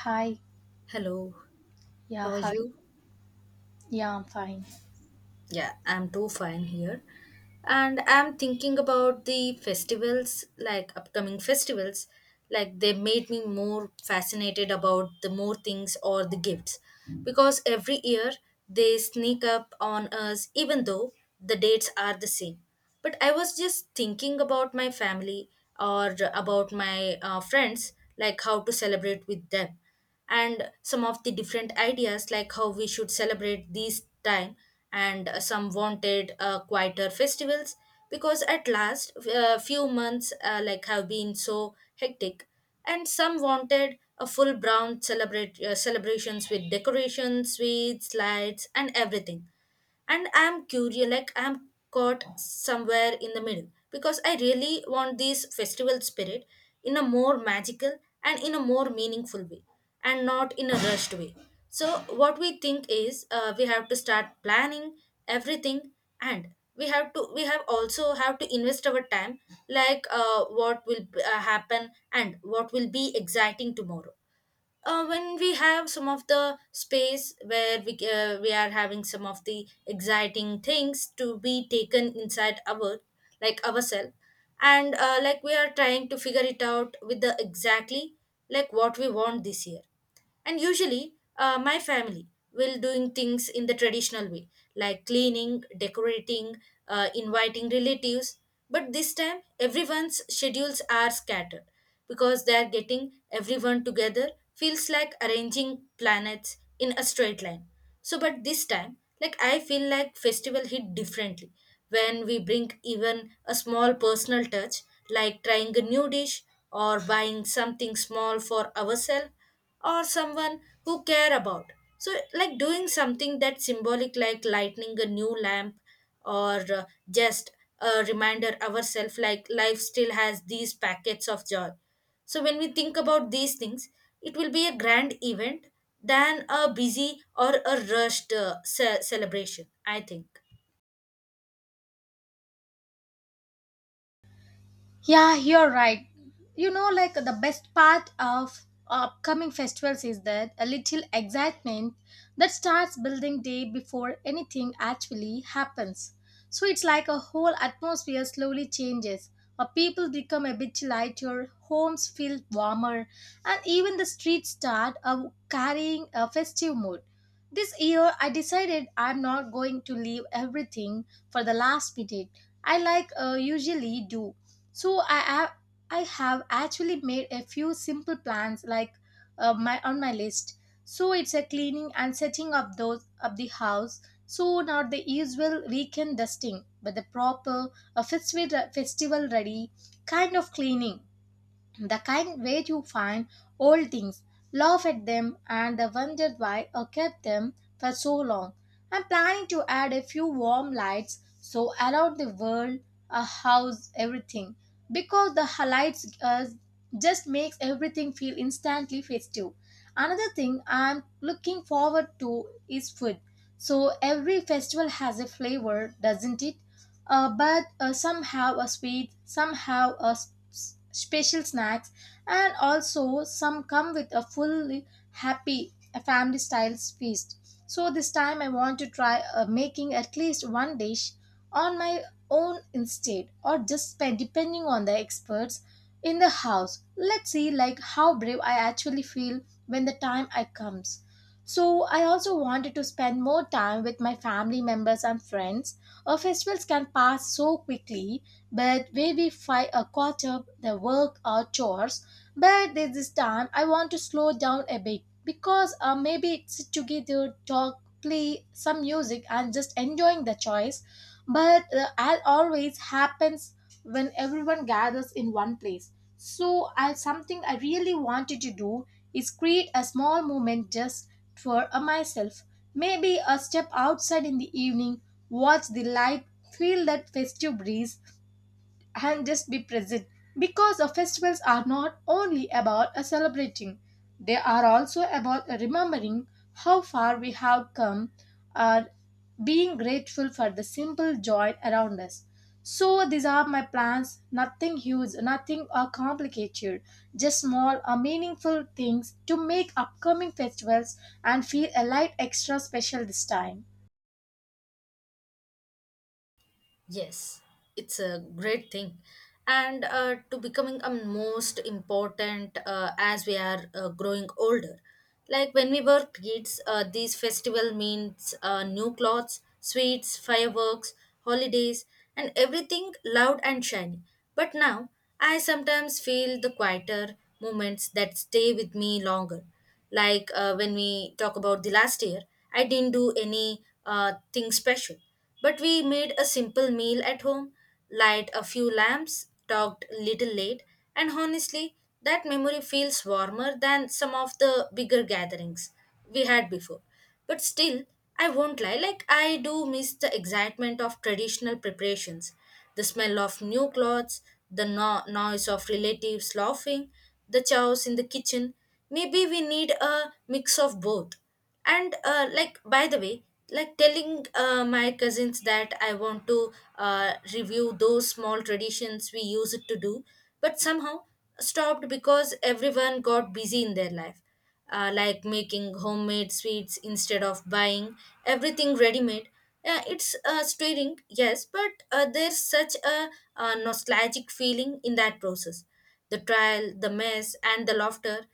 Hi. Hello, Yeah, how are hi. you? Yeah, I'm fine. Yeah, I'm too fine here. And I'm thinking about the festivals, like upcoming festivals, like they made me more fascinated about the more things or the gifts. Because every year they sneak up on us, even though the dates are the same. But I was just thinking about my family or about my friends, like how to celebrate with them and some of the different ideas like how we should celebrate these time and some wanted quieter festivals because at last few months like have been so hectic, and some wanted a full brown celebrate celebrations with decorations, sweets, lights, and everything. And I'm curious, like I'm caught somewhere in the middle because I really want this festival spirit in a more magical and in a more meaningful way, and not in a rushed way. So what we think is, we have to start planning everything. And we have to we have also have to invest our time, like what will happen and what will be exciting tomorrow. Uh, when we have some of the space where we are having some of the exciting things to be taken inside our, like ourselves. And like, we are trying to figure it out with the exactly like what we want this year. And usually, my family will doing things in the traditional way, like cleaning, decorating, inviting relatives. But this time everyone's schedules are scattered because they are getting everyone together, feels like arranging planets in a straight line. So but this time, like, I feel like festival hit differently when we bring even a small personal touch, like trying a new dish, or buying something small for ourselves or someone who care about. So like doing something that symbolic, like lighting a new lamp, or just a reminder ourselves, like life still has these packets of joy. So when we think about these things, it will be a grand event than a busy or a rushed celebration, I think. Yeah, you're right. You know, like the best part of upcoming festivals is that a little excitement that starts building day before anything actually happens. So it's like a whole atmosphere slowly changes. Or people become a bit lighter, homes feel warmer, and even the streets start carrying a festive mood. This year, I decided I'm not going to leave everything for the last minute. I like usually do, so I have actually made a few simple plans, like my, on my list. So it's a cleaning and setting up those of the house, so not the usual weekend dusting but the proper, a festival ready kind of cleaning, the kind where you find old things, laugh at them, and the wonder why I kept them for so long. I'm planning to add a few warm lights so around the world, a house, everything, because the lights just makes everything feel instantly festive. Another thing I'm looking forward to is food. So every festival has a flavor, doesn't it? But Somehow a sweet, somehow a special snacks, and also some come with a fully happy a family style feast. So this time I want to try making at least one dish on my own instead, or just spend depending on the experts in the house. Let's see like how brave I actually feel when the time I comes. So I also wanted to spend more time with my family members and friends. Our festivals can pass so quickly, but maybe five a quarter the work or chores. But this time, I want to slow down a bit because maybe sit together, talk, play some music, and just enjoying the choice. But as always happens when everyone gathers in one place. So, I something I really wanted to do is create a small moment just for myself. Maybe a step outside in the evening, watch the light, feel that festive breeze, and just be present, because the festivals are not only about celebrating, they are also about remembering how far we have come and being grateful for the simple joy around us. So these are my plans, nothing huge, nothing complicated, just small meaningful things to make upcoming festivals and feel a light extra special this time. Yes, it's a great thing. And to becoming a most important as we are growing older. Like when we were kids, these festival means new clothes, sweets, fireworks, holidays, and everything loud and shiny. But now, I sometimes feel the quieter moments that stay with me longer, like when we talk about the last year, I didn't do any thing special, but we made a simple meal at home, light a few lamps, talked little late, and honestly, that memory feels warmer than some of the bigger gatherings we had before. But still, I won't lie, like I do miss the excitement of traditional preparations, the smell of new clothes, the noise of relatives laughing, the chaos in the kitchen. Maybe we need a mix of both. And like, by the way, like telling my cousins that I want to review those small traditions we used to do but somehow stopped because everyone got busy in their life. Uh, like making homemade sweets instead of buying everything ready made. Yeah, it's stirring, yes, but there's such a nostalgic feeling in that process, the trial, the mess, and the laughter.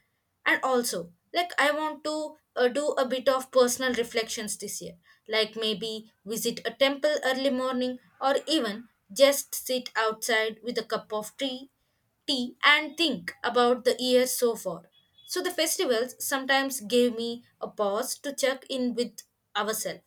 And also, like, I want to do a bit of personal reflections this year, like maybe visit a temple early morning or even just sit outside with a cup of tea and think about the year so far. So the festivals sometimes gave me a pause to check in with ourselves.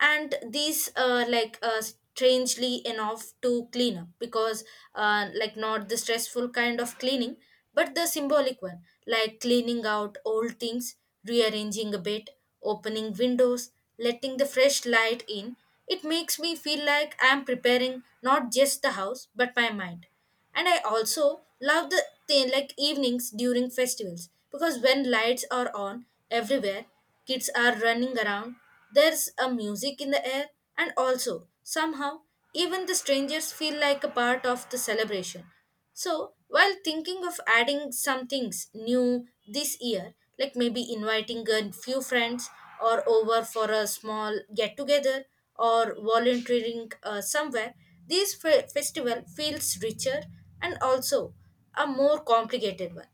And these, strangely enough, to clean up because, like, not the stressful kind of cleaning but the symbolic one, like cleaning out old things, rearranging a bit, opening windows, letting the fresh light in. It makes me feel like I'm preparing not just the house but my mind. And I also love the thing like evenings during festivals, because when lights are on everywhere, kids are running around, there's a music in the air, and also somehow even the strangers feel like a part of the celebration. So, while thinking of adding some things new this year, like maybe inviting a few friends or over for a small get together, or volunteering somewhere, this festival feels richer and also a more complicated one.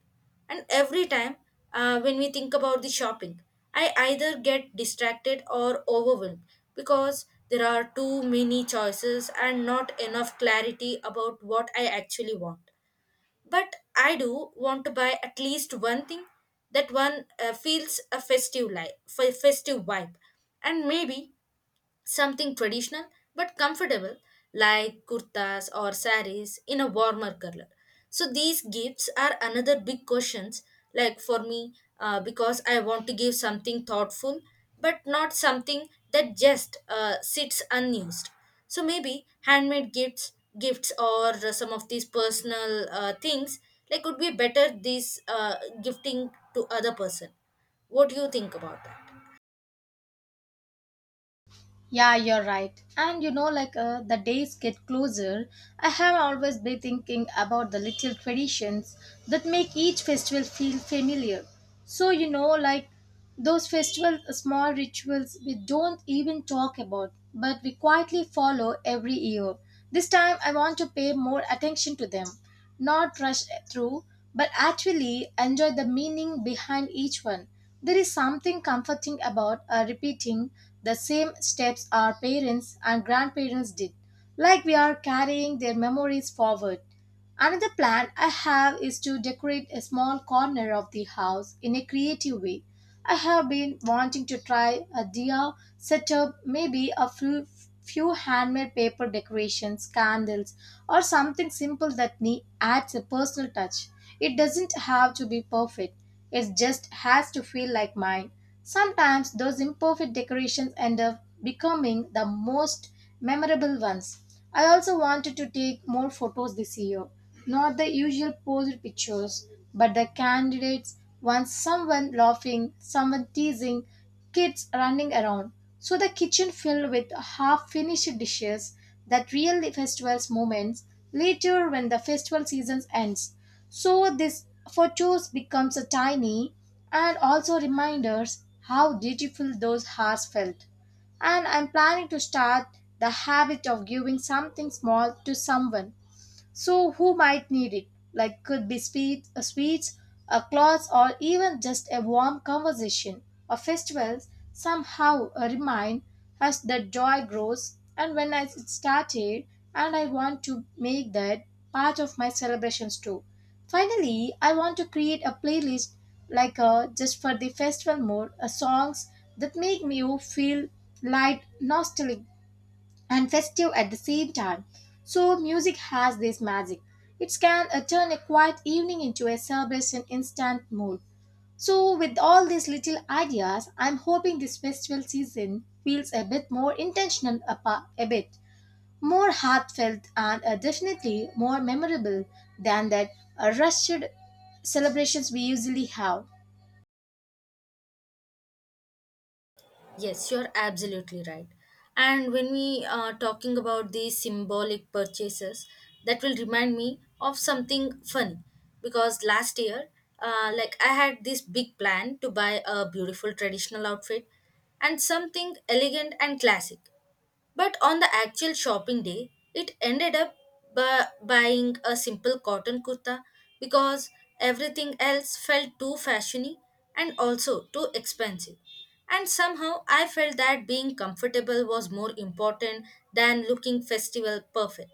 And every time when we think about the shopping, I either get distracted or overwhelmed because there are too many choices and not enough clarity about what I actually want. But I do want to buy at least one thing that one feels a festive life, festive vibe, and maybe something traditional but comfortable, like kurtas or saris in a warmer color. So these gifts are another big questions, like, for me, because I want to give something thoughtful but not something that just sits unused. So maybe handmade gifts or some of these personal things like would be better this, gifting to other person. What do you think about that? Yeah, you're right. And you know, like the days get closer, I have always been thinking about the little traditions that make each festival feel familiar. So, you know, like those festival small rituals we don't even talk about, but we quietly follow every year. This time, I want to pay more attention to them, not rush through, but actually enjoy the meaning behind each one. There is something comforting about repeating the same steps our parents and grandparents did, like we are carrying their memories forward. Another plan I have is to decorate a small corner of the house in a creative way. I have been wanting to try a diya setup, maybe a few, few handmade paper decorations, candles, or something simple that adds a personal touch. It doesn't have to be perfect, it just has to feel like mine. Sometimes those imperfect decorations end up becoming the most memorable ones. I also wanted to take more photos this year. Not the usual posed pictures, but the candidates, once someone laughing, someone teasing, kids running around. So the kitchen filled with half finished dishes, that really festival's moments later when the festival season ends. So this photos becomes a tiny and also reminders how beautiful those hearts felt. And I'm planning to start the habit of giving something small to someone so who might need it. Like could be speed, a sweets, a cloth, or even just a warm conversation. Or festivals somehow remind us that joy grows. And when I it started, and I want to make that part of my celebrations too. Finally, I want to create a playlist, like just for the festival mode, songs that make me feel light, nostalgic, and festive at the same time. So, music has this magic. It can turn a quiet evening into a celebration instant mood. So, with all these little ideas, I'm hoping this festival season feels a bit more intentional, a, a bit more heartfelt, and definitely more memorable than that rushed celebrations we usually have. Yes, you're absolutely right. And when we are talking about these symbolic purchases, that will remind me of something funny, because last year, like, I had this big plan to buy a beautiful traditional outfit and something elegant and classic. But on the actual shopping day, it ended up buying a simple cotton kurta because everything else felt too fashiony and also too expensive. And somehow I felt that being comfortable was more important than looking festival perfect.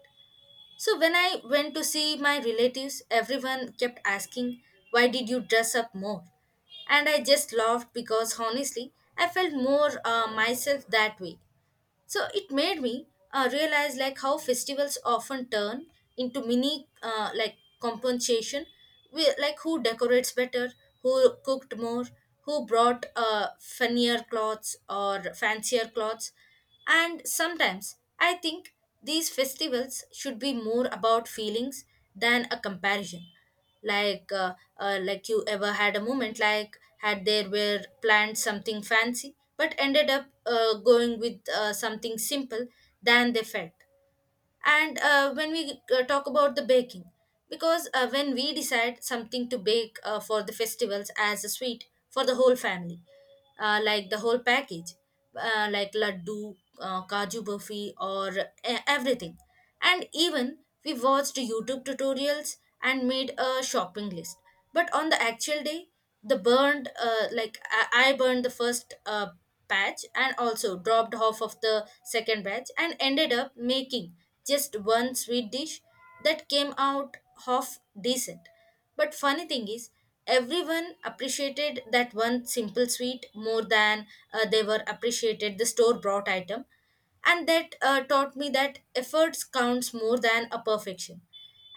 So when I went to see my relatives, everyone kept asking, "Why did you dress up more?" And I just laughed because honestly, I felt more myself that way. So it made me realize like how festivals often turn into mini, like, compensation, we, like, who decorates better, who cooked more, who brought funnier clothes or fancier clothes. And sometimes I think these festivals should be more about feelings than a comparison. Like, like, you ever had a moment like had there were planned something fancy, but ended up going with something simple than they felt? And when we talk about the baking, because when we decide something to bake for the festivals as a sweet for the whole family, like the whole package, like laddu, kaju burfi, or everything. And even we watched YouTube tutorials and made a shopping list. But on the actual day, the burned like I burned the first batch and also dropped half of the second batch, and ended up making just one sweet dish that came out half decent. But funny thing is, everyone appreciated that one simple sweet more than they were appreciated the store bought item. And that taught me that efforts counts more than a perfection.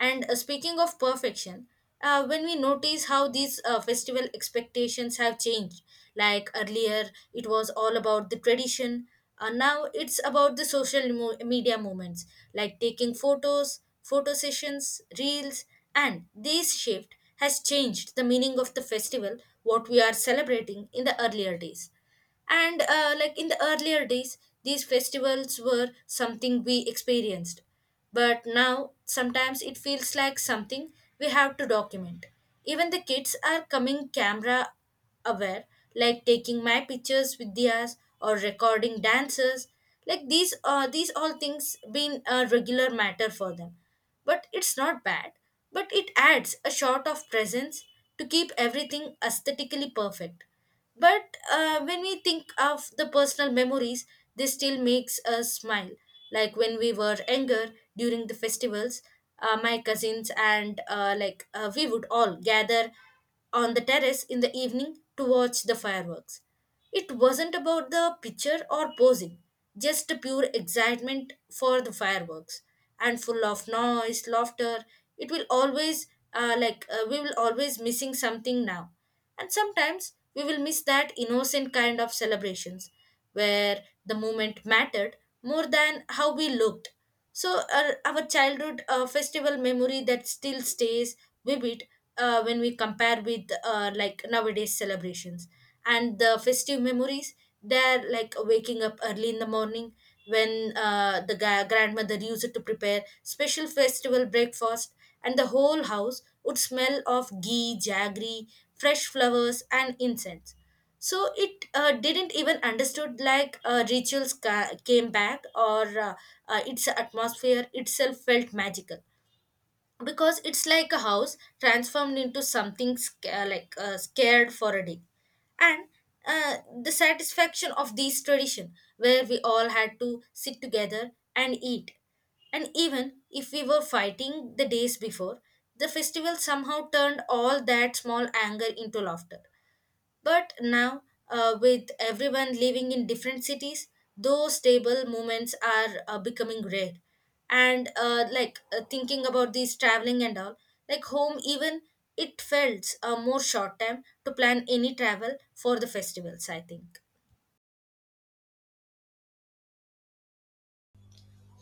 And speaking of perfection, when we notice how these festival expectations have changed, like, earlier it was all about the tradition, and now it's about the social media movements, like taking photos, photo sessions, reels. And this shift has changed the meaning of the festival, what we are celebrating in the earlier days. And like, in the earlier days these festivals were something we experienced, but now sometimes it feels like something we have to document. Even the kids are coming camera aware, like taking my pictures with theirs or recording dances. Like these all things been a regular matter for them. But it's not bad. But it adds a shot of presence to keep everything aesthetically perfect. But when we think of the personal memories, this still makes us smile. Like when we were younger during the festivals, my cousins and we would all gather on the terrace in the evening to watch the fireworks. It wasn't about the picture or posing, just a pure excitement for the fireworks and full of noise, laughter. It will always, we will always missing something now. And sometimes we will miss that innocent kind of celebrations where the moment mattered more than how we looked. So our childhood festival memory that still stays vivid when we compare with like nowadays celebrations and the festive memories, they're like waking up early in the morning when the grandmother used to prepare special festival breakfast, and the whole house would smell of ghee, jaggery, fresh flowers and incense. So it didn't even understood like rituals came back or its atmosphere itself felt magical, because it's like a house transformed into something scared for a day. And uh, the satisfaction of this tradition where we all had to sit together and eat, and even if we were fighting the days before, the festival somehow turned all that small anger into laughter. But now, with everyone living in different cities, those stable moments are becoming rare. And thinking about these traveling and all, like home, even it felt more short time to plan any travel for the festivals, I think.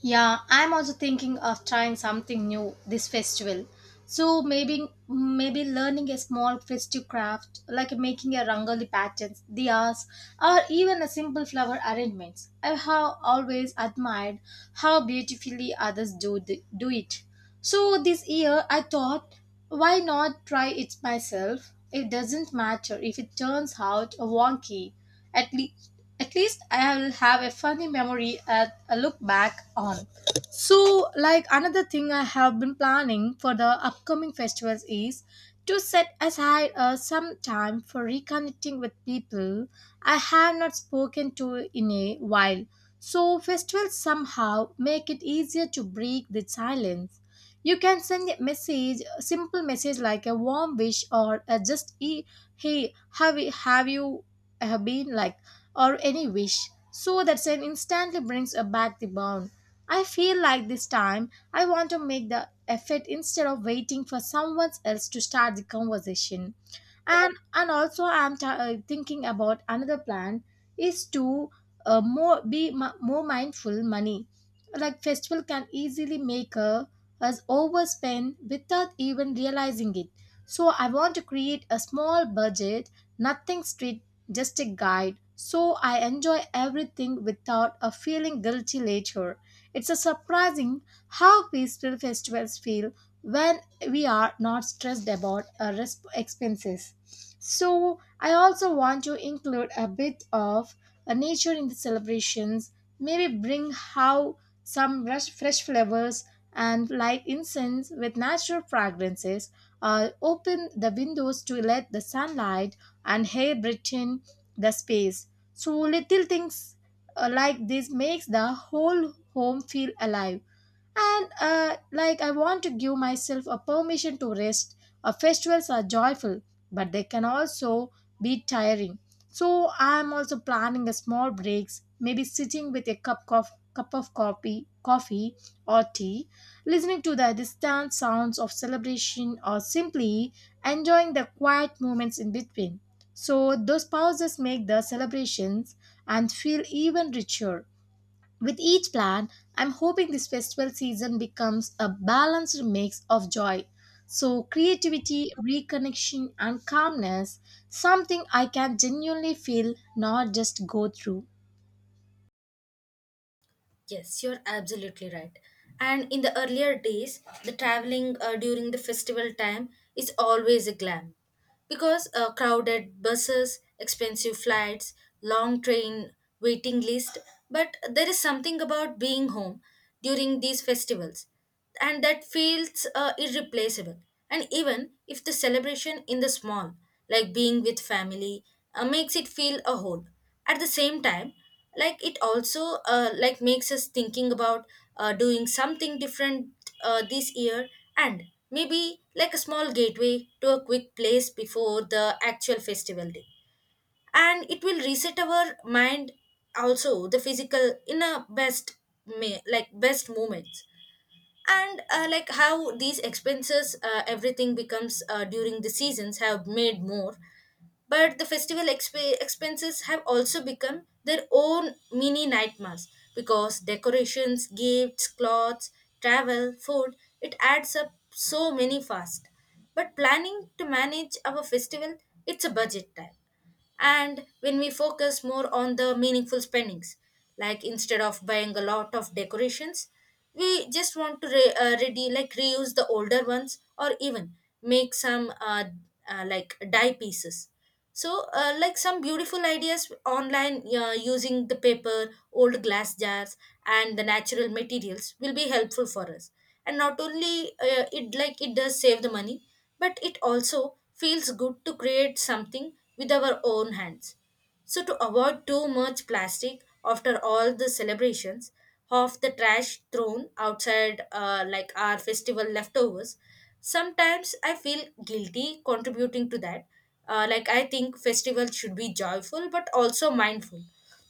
Yeah, I'm also thinking of trying something new this festival. So maybe learning a small festive craft like making a rangoli patterns, diyas, or even a simple flower arrangements. I have always admired how beautifully others do the, do it. So this year I thought, why not try it myself? It doesn't matter if it turns out wonky. At least at least I will have a funny memory a look back on. So, like another thing I have been planning for the upcoming festivals is to set aside some time for reconnecting with people I have not spoken to in a while. So, festivals somehow make it easier to break the silence. You can send a message, a simple message like a warm wish or hey, have you been like, or any wish, so that scene instantly brings back the bond. I feel like this time I want to make the effort instead of waiting for someone else to start the conversation. And also I'm thinking about another plan is to more be more mindful money. Like festival can easily make us overspend without even realizing it. So I want to create a small budget, nothing strict, just a guide, so I enjoy everything without a feeling guilty later. It's a surprising how peaceful festivals feel when we are not stressed about our expenses. So I also want to include a bit of a nature in the celebrations. Maybe bring how some fresh flowers and light incense with natural fragrances. Open the windows to let the sunlight and air breathe in the space. So little things like this makes the whole home feel alive. And like I want to give myself a permission to rest. Uh, festivals are joyful, but they can also be tiring, so I'm also planning a small breaks, maybe sitting with a cup of coffee or tea, listening to the distant sounds of celebration, or simply enjoying the quiet moments in between. So those pauses make the celebrations and feel even richer. With each plan, I'm hoping this festival season becomes a balanced mix of joy. So, creativity, reconnection, and calmness, something I can genuinely feel, not just go through. Yes, you're absolutely right. And in the earlier days, the traveling during the festival time is always a glam, because crowded buses, expensive flights, long train waiting list. But there is something about being home during these festivals, and that feels irreplaceable. And even if the celebration in the small, like being with family, makes it feel a whole. At the same time, like it also like makes us thinking about doing something different this year, and maybe like a small gateway to a quick place before the actual festival day, and it will reset our mind, also the physical in a best like best moments. And like how these expenses everything becomes during the seasons have made more, but the festival expenses have also become their own mini nightmares, because decorations, gifts, clothes, travel, food, it adds up so many fast. But planning to manage our festival, it's a budget time, and when we focus more on the meaningful spendings, like instead of buying a lot of decorations, we just want to ready, like reuse the older ones, or even make some like dye pieces. So like some beautiful ideas online using the paper, old glass jars and the natural materials will be helpful for us. And not only it, like it does save the money, but it also feels good to create something with our own hands. So, to avoid too much plastic after all the celebrations, of the trash thrown outside, like our festival leftovers, sometimes I feel guilty contributing to that. Like, I think festivals should be joyful but also mindful.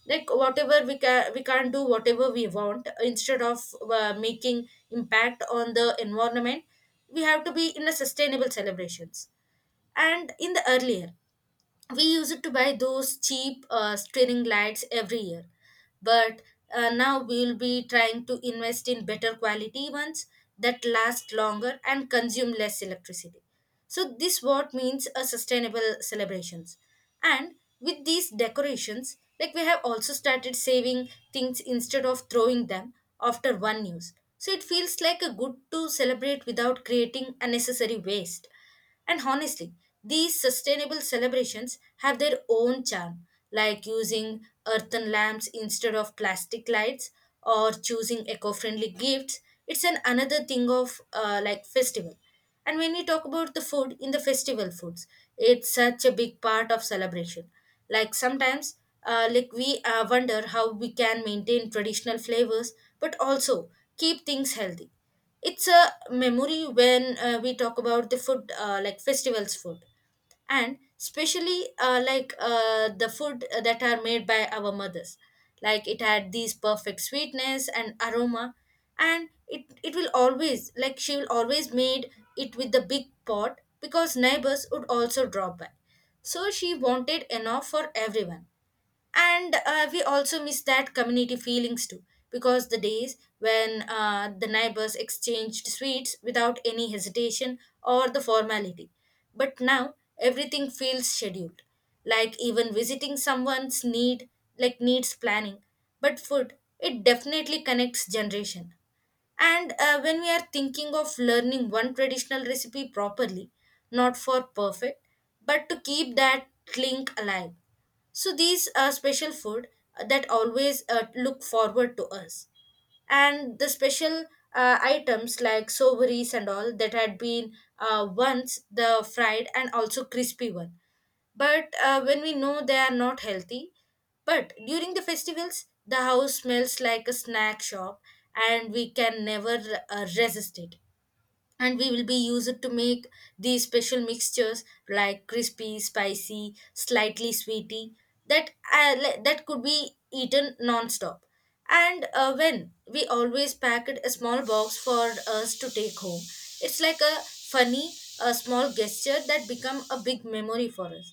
Like, whatever we, can, we can't do, whatever we want, instead of making impact on the environment, we have to be in a sustainable celebrations. And in the earlier, we used to buy those cheap string lights every year, but now we'll be trying to invest in better quality ones that last longer and consume less electricity, so this what means a sustainable celebrations. And with these decorations, like we have also started saving things instead of throwing them after one use. So it feels like a good to celebrate without creating unnecessary waste. And honestly, these sustainable celebrations have their own charm, like using earthen lamps instead of plastic lights, or choosing eco-friendly gifts. It's an another thing of like festival. And when we talk about the food in the festival foods, it's such a big part of celebration. Like sometimes, like we wonder how we can maintain traditional flavors, but also keep things healthy. It's a memory when we talk about the food, like festivals food, and especially the food that are made by our mothers, like it had these perfect sweetness and aroma. And it will always, like she will always made it with the big pot, because neighbors would also drop by, so she wanted enough for everyone. And we also miss that community feelings too, because the days when the neighbors exchanged sweets without any hesitation or the formality. But now everything feels scheduled, like even visiting someone's need, like needs planning. But food, it definitely connects generation. And when we are thinking of learning one traditional recipe properly, not for perfect, but to keep that link alive. So these are special food that always look forward to us. And the special items like sovereigns and all that had been once the fried and also crispy one. But when we know they are not healthy, but during the festivals the house smells like a snack shop, and we can never resist it. And we will be used to make these special mixtures, like crispy, spicy, slightly sweety, that that could be eaten non-stop. And when we always packed a small box for us to take home, it's like a funny, a small gesture that become a big memory for us.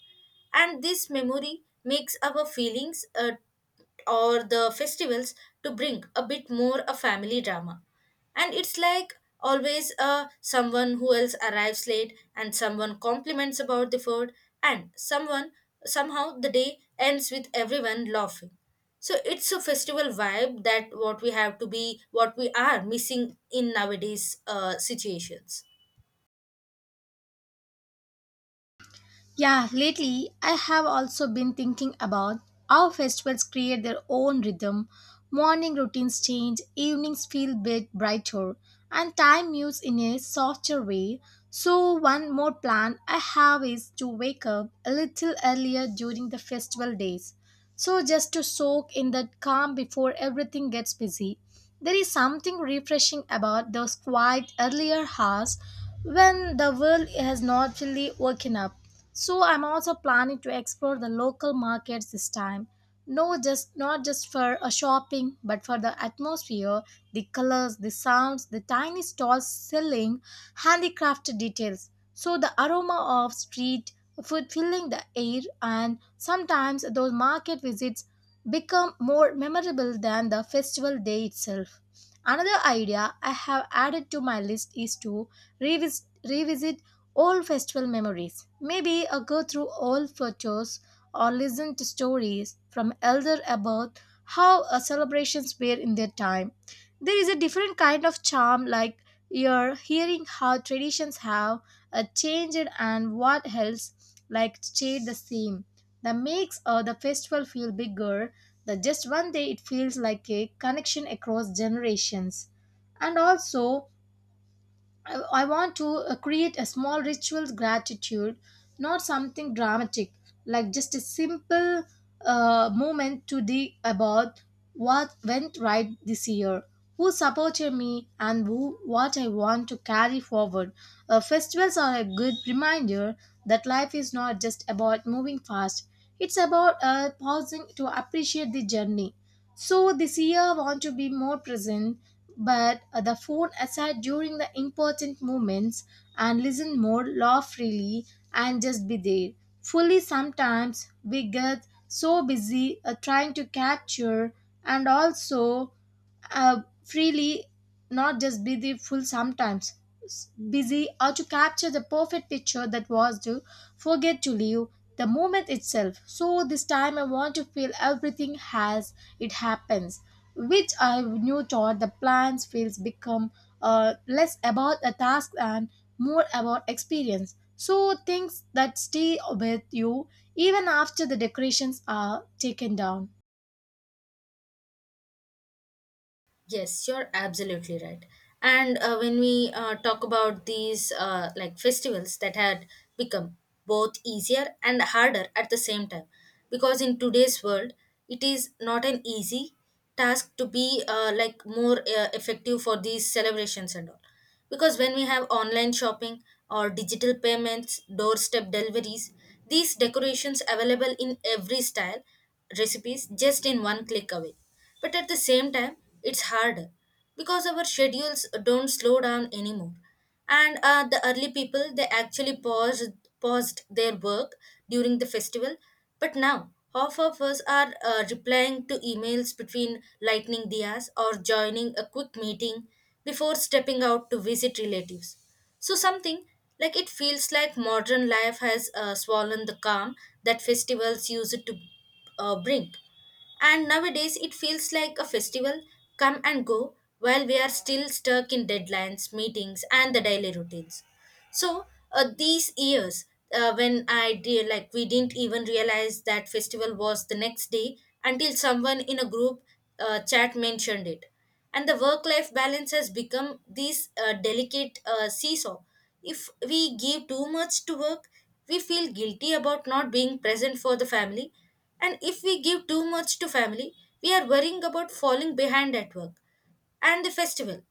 And this memory makes our feelings or the festivals to bring a bit more a family drama. And it's like always someone who else arrives late, and someone compliments about the food, and someone somehow the day ends with everyone laughing. So it's a festival vibe, that what we have to be, what we are missing in nowadays situations. Yeah, lately I have also been thinking about how festivals create their own rhythm. Morning routines change, evenings feel bit brighter, and time moves in a softer way. So one more plan I have is to wake up a little earlier during the festival days, so just to soak in that calm before everything gets busy. There is something refreshing about those quiet earlier hours when the world has not fully woken up. So I'm also planning to explore the local markets this time. No, just not just for a shopping, but for the atmosphere, the colors, the sounds, the tiny stalls selling handicrafted details. So the aroma of street food filling the air, and sometimes those market visits become more memorable than the festival day itself. Another idea I have added to my list is to revisit old festival memories. Maybe a go through old photos, or listen to stories from elder about how celebrations were in their time. There is a different kind of charm, like you're hearing how traditions have changed and what else like stayed the same, that makes the festival feel bigger, that just one day it feels like a connection across generations. And also I want to create a small ritual gratitude, not something dramatic, like just a simple moment today about what went right this year, who supported me, and who what I want to carry forward. Festivals are a good reminder that life is not just about moving fast; it's about pausing to appreciate the journey. So this year, I want to be more present, but the phone aside during the important moments, and listen more, laugh freely, and just be there. Fully, sometimes we get so busy trying to capture and also freely, not just busy. Full sometimes busy or to capture the perfect picture that was to forget to live the moment itself. So this time I want to feel everything as it happens, which I knew taught the plans feels become less about a task and more about experience. So things that stay with you even after the decorations are taken down. Yes, you're absolutely right. And when we talk about these like festivals that had become both easier and harder at the same time, because in today's world, it is not an easy task to be like more effective for these celebrations and all. Because when we have online shopping, or digital payments, doorstep deliveries, these decorations available in every style, recipes just in one click away, but at the same time, it's hard because our schedules don't slow down anymore. And the early people, they actually paused their work during the festival. But now, half of us are replying to emails between lightning dias, or joining a quick meeting before stepping out to visit relatives. So, something like it feels like modern life has swollen the calm that festivals used to bring. And nowadays, it feels like a festival come and go while we are still stuck in deadlines, meetings, and the daily routines. So, these years, when I did, like, we didn't even realize that festival was the next day until someone in a group chat mentioned it. And the work life balance has become this delicate seesaw. If we give too much to work, we feel guilty about not being present for the family, and if we give too much to family, we are worrying about falling behind at work and the festival.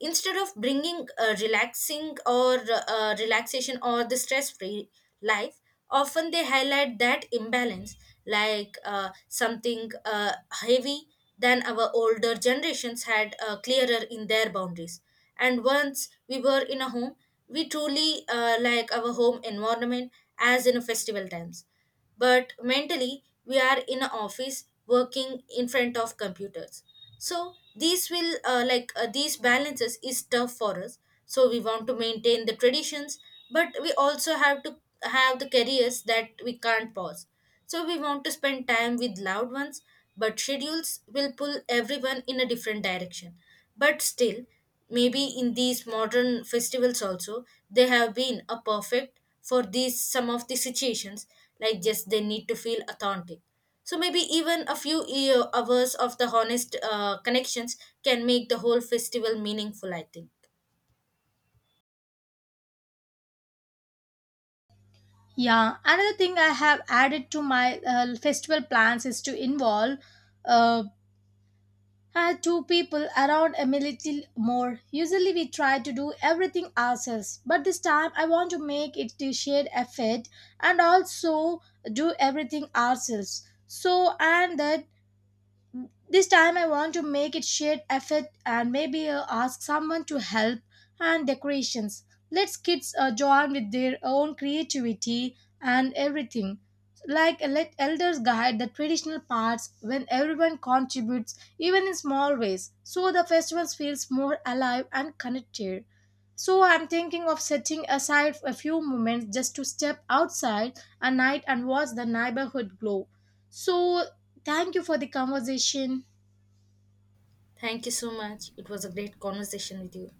Instead of bringing a relaxing, or relaxation, or the stress free life, often they highlight that imbalance, like something heavy than our older generations had clearer in their boundaries. And once we were in a home, we truly like our home environment as in festival times, but mentally we are in an office working in front of computers. So these will these balances is tough for us. So we want to maintain the traditions, but we also have to have the careers that we can't pause. So we want to spend time with loved ones, but schedules will pull everyone in a different direction. But still, maybe in these modern festivals also, they have been a perfect for these some of the situations, like just they need to feel authentic. So maybe even a few hours of the honest connections can make the whole festival meaningful, I think. Yeah, another thing I have added to my festival plans is to involve uh, two people around a little more. Usually we try to do everything ourselves, but this time I want to make it a shared effort and also do everything ourselves. So, and that this time I want to make it shared effort and maybe ask someone to help and decorations. Let's kids join with their own creativity and everything. Like let elders guide the traditional parts when everyone contributes even in small ways so the festivals feels more alive and connected. So I'm thinking of setting aside a few moments just to step outside at night and watch the neighborhood glow. So thank you for the conversation. Thank you so much. It was a great conversation with you.